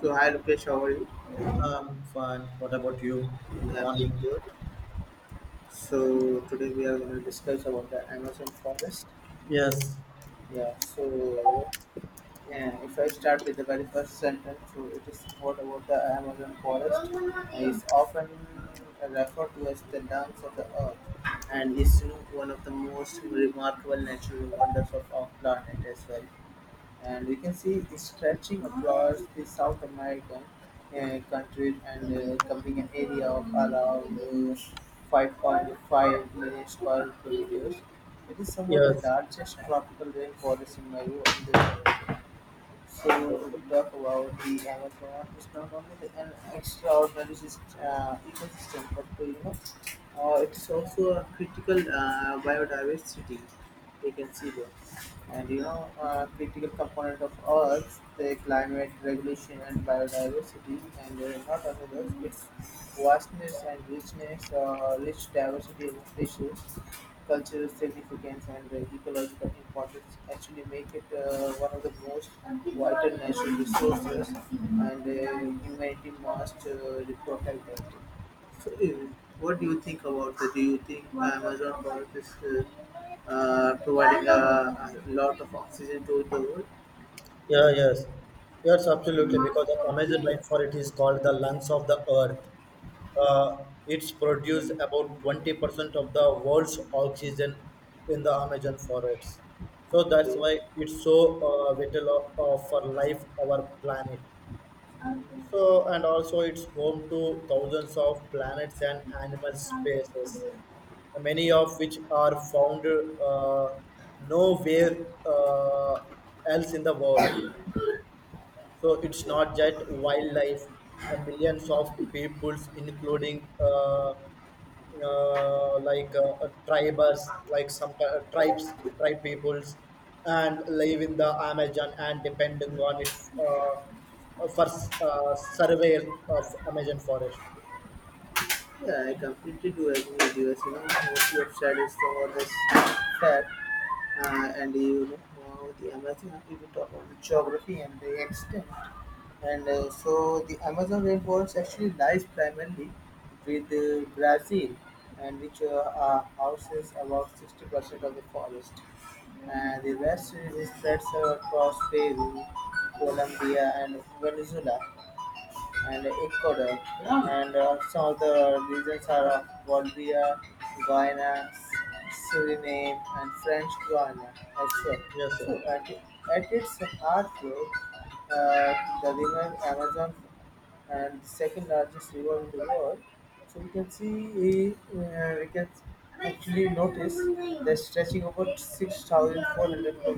So hi Lokesh, how are you? Fine. What about you? Good Yeah, I'm doing morning. good. So today we are going to discuss about the Amazon forest. Yes, Yeah. If I start with the very first sentence, so it is what about the Amazon forest? Is often referred to as the lungs of the earth, and is one of the most remarkable natural wonders of our planet as well. And you can see it stretching across the South American country and covering an area of around 5.5 million square kilometers. It is somewhat the yes, largest tropical rainforest in the world. So we talk about the Amazon is not only an extraordinary ecosystem, but it's also a critical biodiversity. We can see there, and critical component of Earth, the climate regulation and biodiversity, and not only that, its vastness and richness, rich diversity of species, cultural significance, and ecological importance actually make it one of the most invite most protected. So, what do you think about that? Do you think uh, season two the world? yeah, yes, yes, absolutely. Because of Amazon rainfall, it is called the lungs of the earth. It's produced about 20% of the world's oxygen in the Amazon forests. So that's Okay. why it's so vital of for life, our planet. So, and also it's home to thousands of planets and animal species, many of which are found uh, nowhere else in the world. So it's not just wildlife. Millions of peoples, including tribers, like some tribes, tribe peoples, and live in the Amazon and depending on it for surveil of Amazon forest. Yeah, I completely do agree with you. As you know, most of studies cover this fact, and the Amazon. If you talk about the geography and the extent, and so the Amazon rainforest actually lies primarily with Brazil, and which houses about 60% of the forest. And the rest is spread across Peru, Colombia, and Venezuela and Ecuador. And some of the regions are of Bolivia, Guyana, Suriname, and French Guiana also. Yes, sir. So at its heartthrob, uh, the river Amazon and second largest river in the world. So we can stretching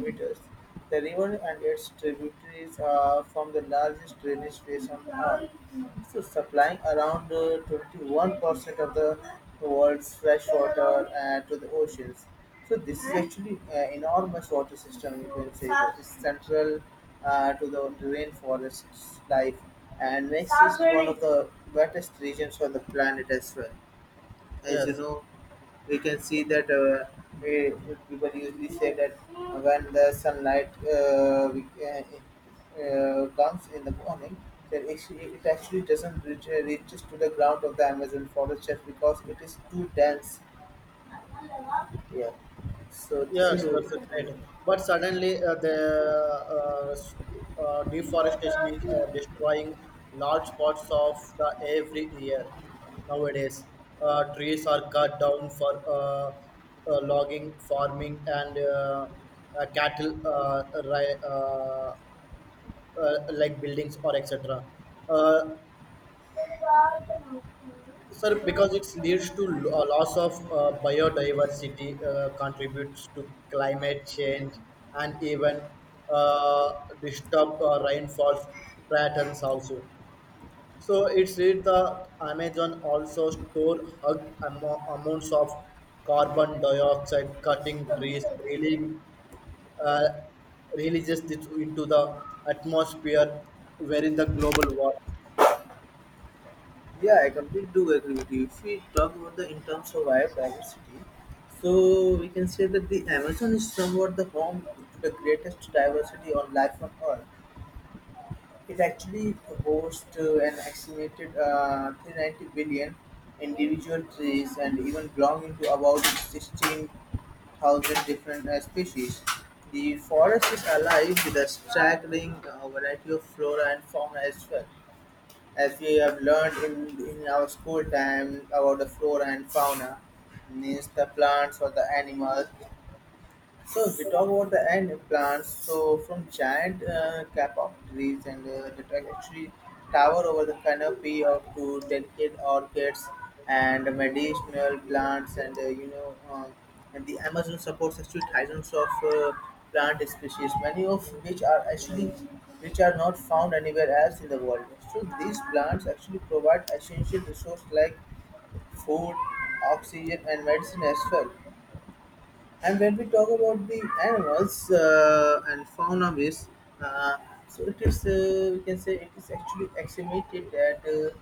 over the river and its tributaries are from the largest drainage basins, so supplying around to the world's to the oceans. So this actually enormous water system central to the rainforest's life and the wettest regions on the planet as well. As you Yes. know, we can see that eh, people usually when the sunlight comes in the morning, then actually it actually doesn't reach, reaches to the ground of the Amazon forest just because it is too dense here. So Yes, that's a great. But suddenly, the deforestation is destroying large parts of the every year nowadays. Trees are cut down for logging, farming, and cattle, like buildings or etc. Uh, Sir, because it leads to loss of biodiversity, contributes to climate change, and even uh, disturb rainfall patterns also. So it's it the Amazon also store hug amounts of carbon dioxide, cutting trees, really uh, releases this into the atmosphere, wherein the global war. yeah, I completely do agree with you. If we talk about the in terms of our diversity, so we can say that the Amazon is somewhat the home to the greatest diversity on life on Earth. It actually hosts an estimated 390 billion individual trees and even belonging to about 16,000 different species. The forest is alive with a staggering variety of flora and fauna as well, as we have learned in our school time about the flora and fauna means the plants or the animals. So if we talk about the end plants, so from giant cap of trees and the trajectory tower over the canopy of to delicate orchids and medicinal plants and and the Amazon supports actually thousands of plant species, many of which are actually which are not found anywhere else in the world. So these plants actually provide essential resources like food, oxygen, and medicine as well. And when we talk about the animals and fauna base, uh, so it is we can say it is actually estimated that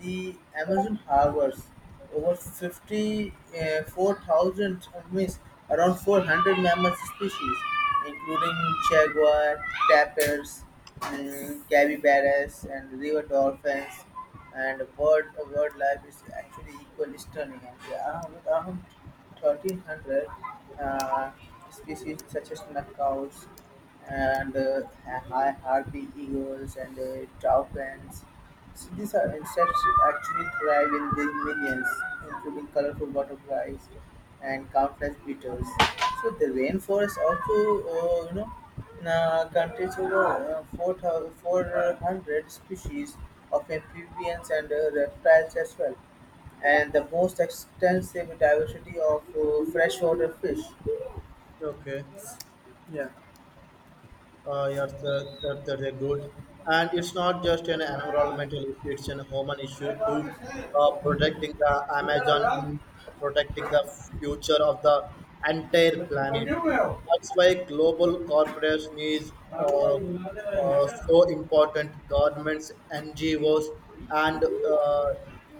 the Amazon harbors over 54,000 means around 400 mammal species, including jaguar, tapirs, capybaras, and river dolphins. And bird wildlife is actually equally stunning. And there are around 1,300 uh, species such as macaws and harpy eagles and toucans. So these are insects actually thrive in the millions, including colorful butterflies and countless beetles. So the rainforest also, contains over 400 species of amphibians and reptiles as well, and the most extensive diversity of freshwater fish. Okay. Yeah. Yes, that is good. And it's not just an environmental issue, it's a human issue too. Protecting the Amazon, means protecting the future of the entire planet. That's why global corporates needs so important. Governments, NGOs, and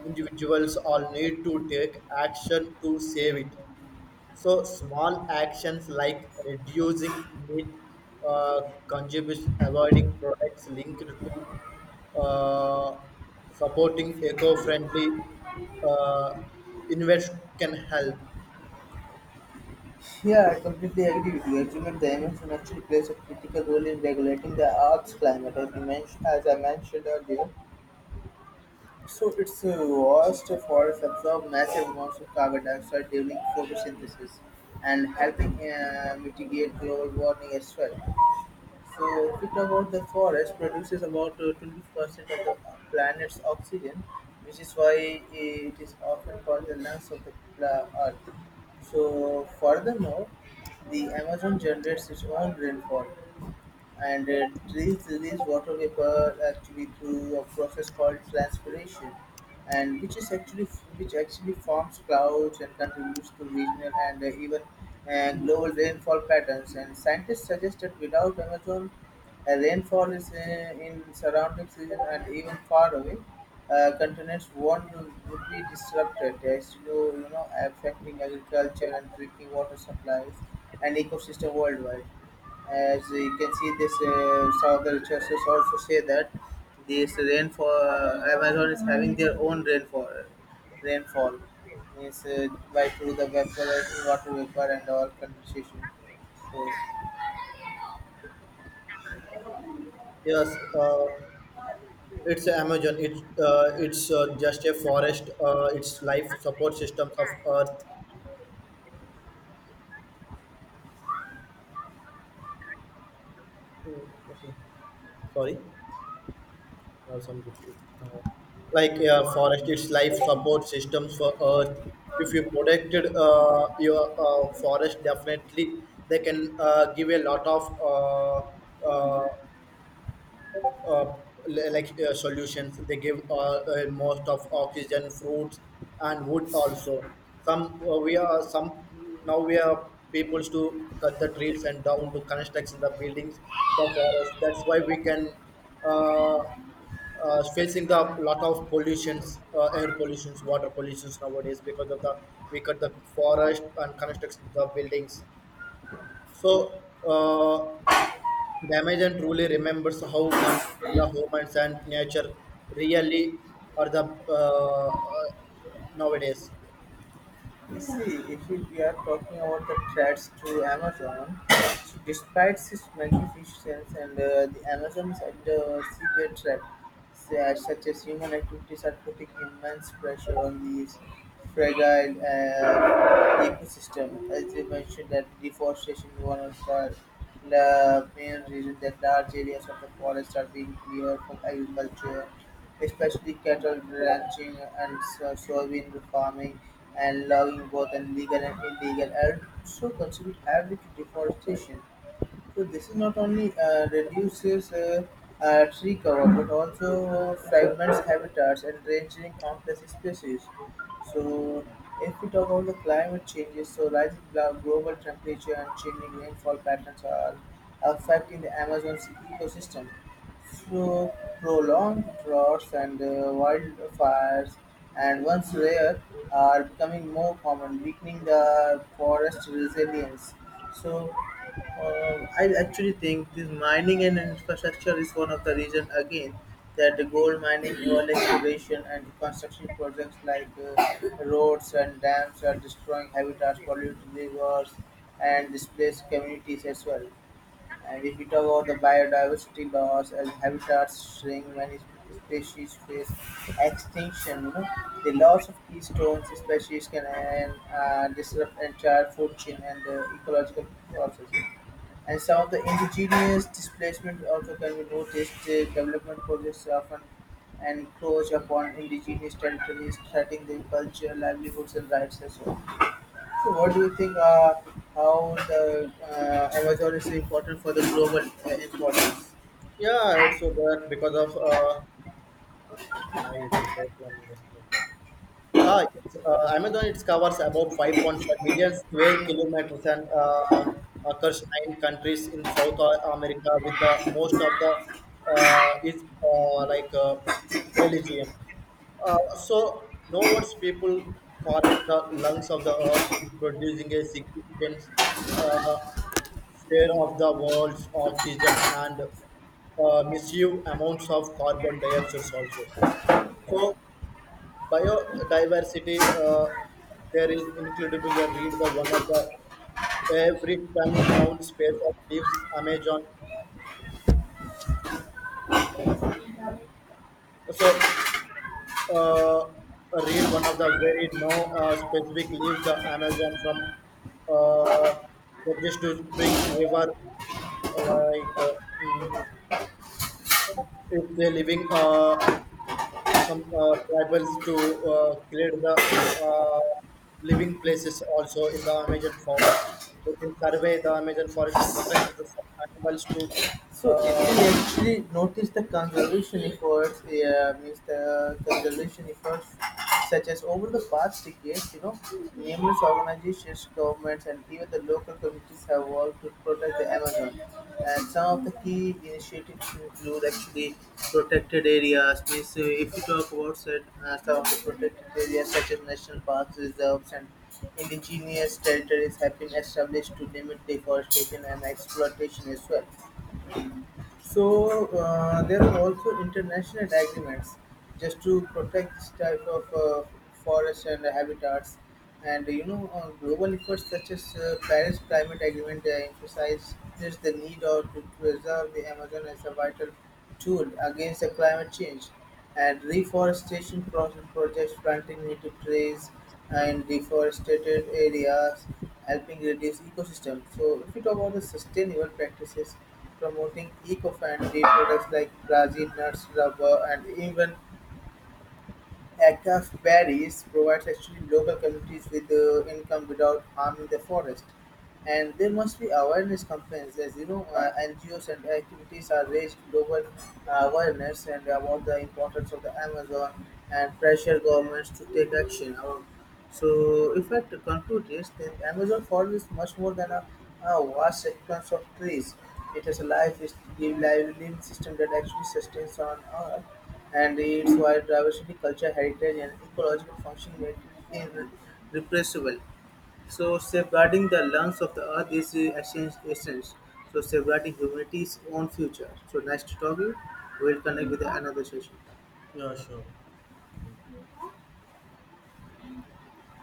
individuals all need to take action to save it. So small actions like reducing meat uh, consumption, avoiding products linked to supporting eco-friendly uh, invest can help. Yeah, I completely agree with you. Actually, the emission actually plays a critical role in regulating the Earth's climate, as I mentioned earlier. So its vast forests absorb massive amounts of carbon dioxide during photosynthesis and helping mitigate global warming as well. So, if we talk about the forest, produces about 20% of the planet's oxygen, which is why it is often called the lungs of the earth. So, furthermore, the Amazon generates its own rainfall, and trees release water vapor actually through a process called transpiration, and which actually forms clouds and contributes to regional and even global rainfall patterns. And scientists suggest that without Amazon, rainfall is in surrounding season and even far away. Continents won't would be disrupted, as you know, affecting agriculture and drinking water supplies and ecosystem worldwide. As you can see, this some of the researchers also say that this rainfall Amazon is having their own rainfall means by through the vapor, water vapor, and all condensation. So Yes, it's Amazon. It's just a forest. Its life support systems of Earth. Mm, okay, sorry some district, forest its life support systems for earth. If you protected your forest definitely they can give a lot of uh, uh, uh, solutions. They give most of oxygen, fruits, and wood also. Some we are some Now we are people to cut the trees and down to construction the buildings, the forest. That's why we can facing the lot of pollutions, air pollutions, water pollutions nowadays because of the we cut the forest and construction the buildings. So. Damien truly remembers how connected the humans and nature really are. The uh, uh, nowadays, you see, if we, we are talking about the threats to Amazon, so despite its magnificence and the Amazon is under severe threat, such as human activities are putting immense pressure on these fragile ecosystem. As you mentioned, that deforestation is one of the main reason that large areas of the forest are being cleared for agriculture, especially cattle ranching and soybean farming and logging, both in legal and illegal, and so contribute heavily to deforestation. So this is not only reduces tree cover but also fragments habitats and ranging complex species. So if we talk about the climate changes, so rising global temperature and changing rainfall patterns are affecting the Amazon's ecosystem. So prolonged droughts and wildfires, and once rare, are becoming more common, weakening the forest resilience. So I actually think this mining and infrastructure is one of the reasons again that the gold mining, oil exploration, and construction projects like roads and dams are destroying habitats, polluting rivers, and displaced communities as well. And if we talk about the biodiversity loss, as habitats shrink, many species face extinction. You know, the loss of keystone species can disrupt entire food chain and ecological process, and some of the indigenous displacement also can be noticed. The development projects often encroach upon indigenous territories, threatening their culture, livelihoods and rights as well. So what do you think how the Amazon is important for the global importance? yeah, it's so bad because of. Uh, Ah, yes. Amazon it covers about 5.5 million square kilometers and occurs nine countries in South America, with the most of the is like Belgium. Uh, so, no words people call it the lungs of the earth, is producing a significant uh, share of the world's oxygen and massive amounts of carbon dioxide also. For biodiversity, there is incredible. I read the one of the every ton noun space of leaves Amazon. So uh, read one of the very no specific leaves the Amazon from uh, just to spring river like if they're living. Some tribals to create the uh, living places also in the Amazon forest. They can survey the Amazon forest to protect the some animals to So if you uh, actually notice the conservation efforts, yeah, means the conservation efforts such as over the past decades, you know, numerous organizations, governments, and even the local communities have worked to protect the animals. Some of the key initiatives include actually protected areas. Means if you talk about said, some of the protected areas such as national parks, reserves, and indigenous territories have been established to limit deforestation and exploitation as well. So there are also international agreements just to protect this type of forests and habitats. And you know, global efforts such as Paris Climate Agreement emphasize just the need of to preserve the Amazon as a vital tool against the climate change, and reforestation projects planting native trees in deforested areas helping reduce ecosystem. So if you talk about the sustainable practices, promoting eco-friendly products like Brazil nuts, rubber, and even Aca's Berries provides actually local communities with income without harming the forest. And there must be awareness campaigns, as you know, NGOs and activities are raised global awareness and about the importance of the Amazon and pressure governments to take action. Our- so, if I to conclude this, then Amazon forest is much more than a vast sequence of trees. It is a life, is living system that actually sustains on Earth, and its wide diversity, culture, heritage, and ecological function make it irrepressible. So safeguarding the lungs of the earth is the essence. So safeguarding humanity's own future. So nice to talk to you. We'll connect with another session. yeah, sure.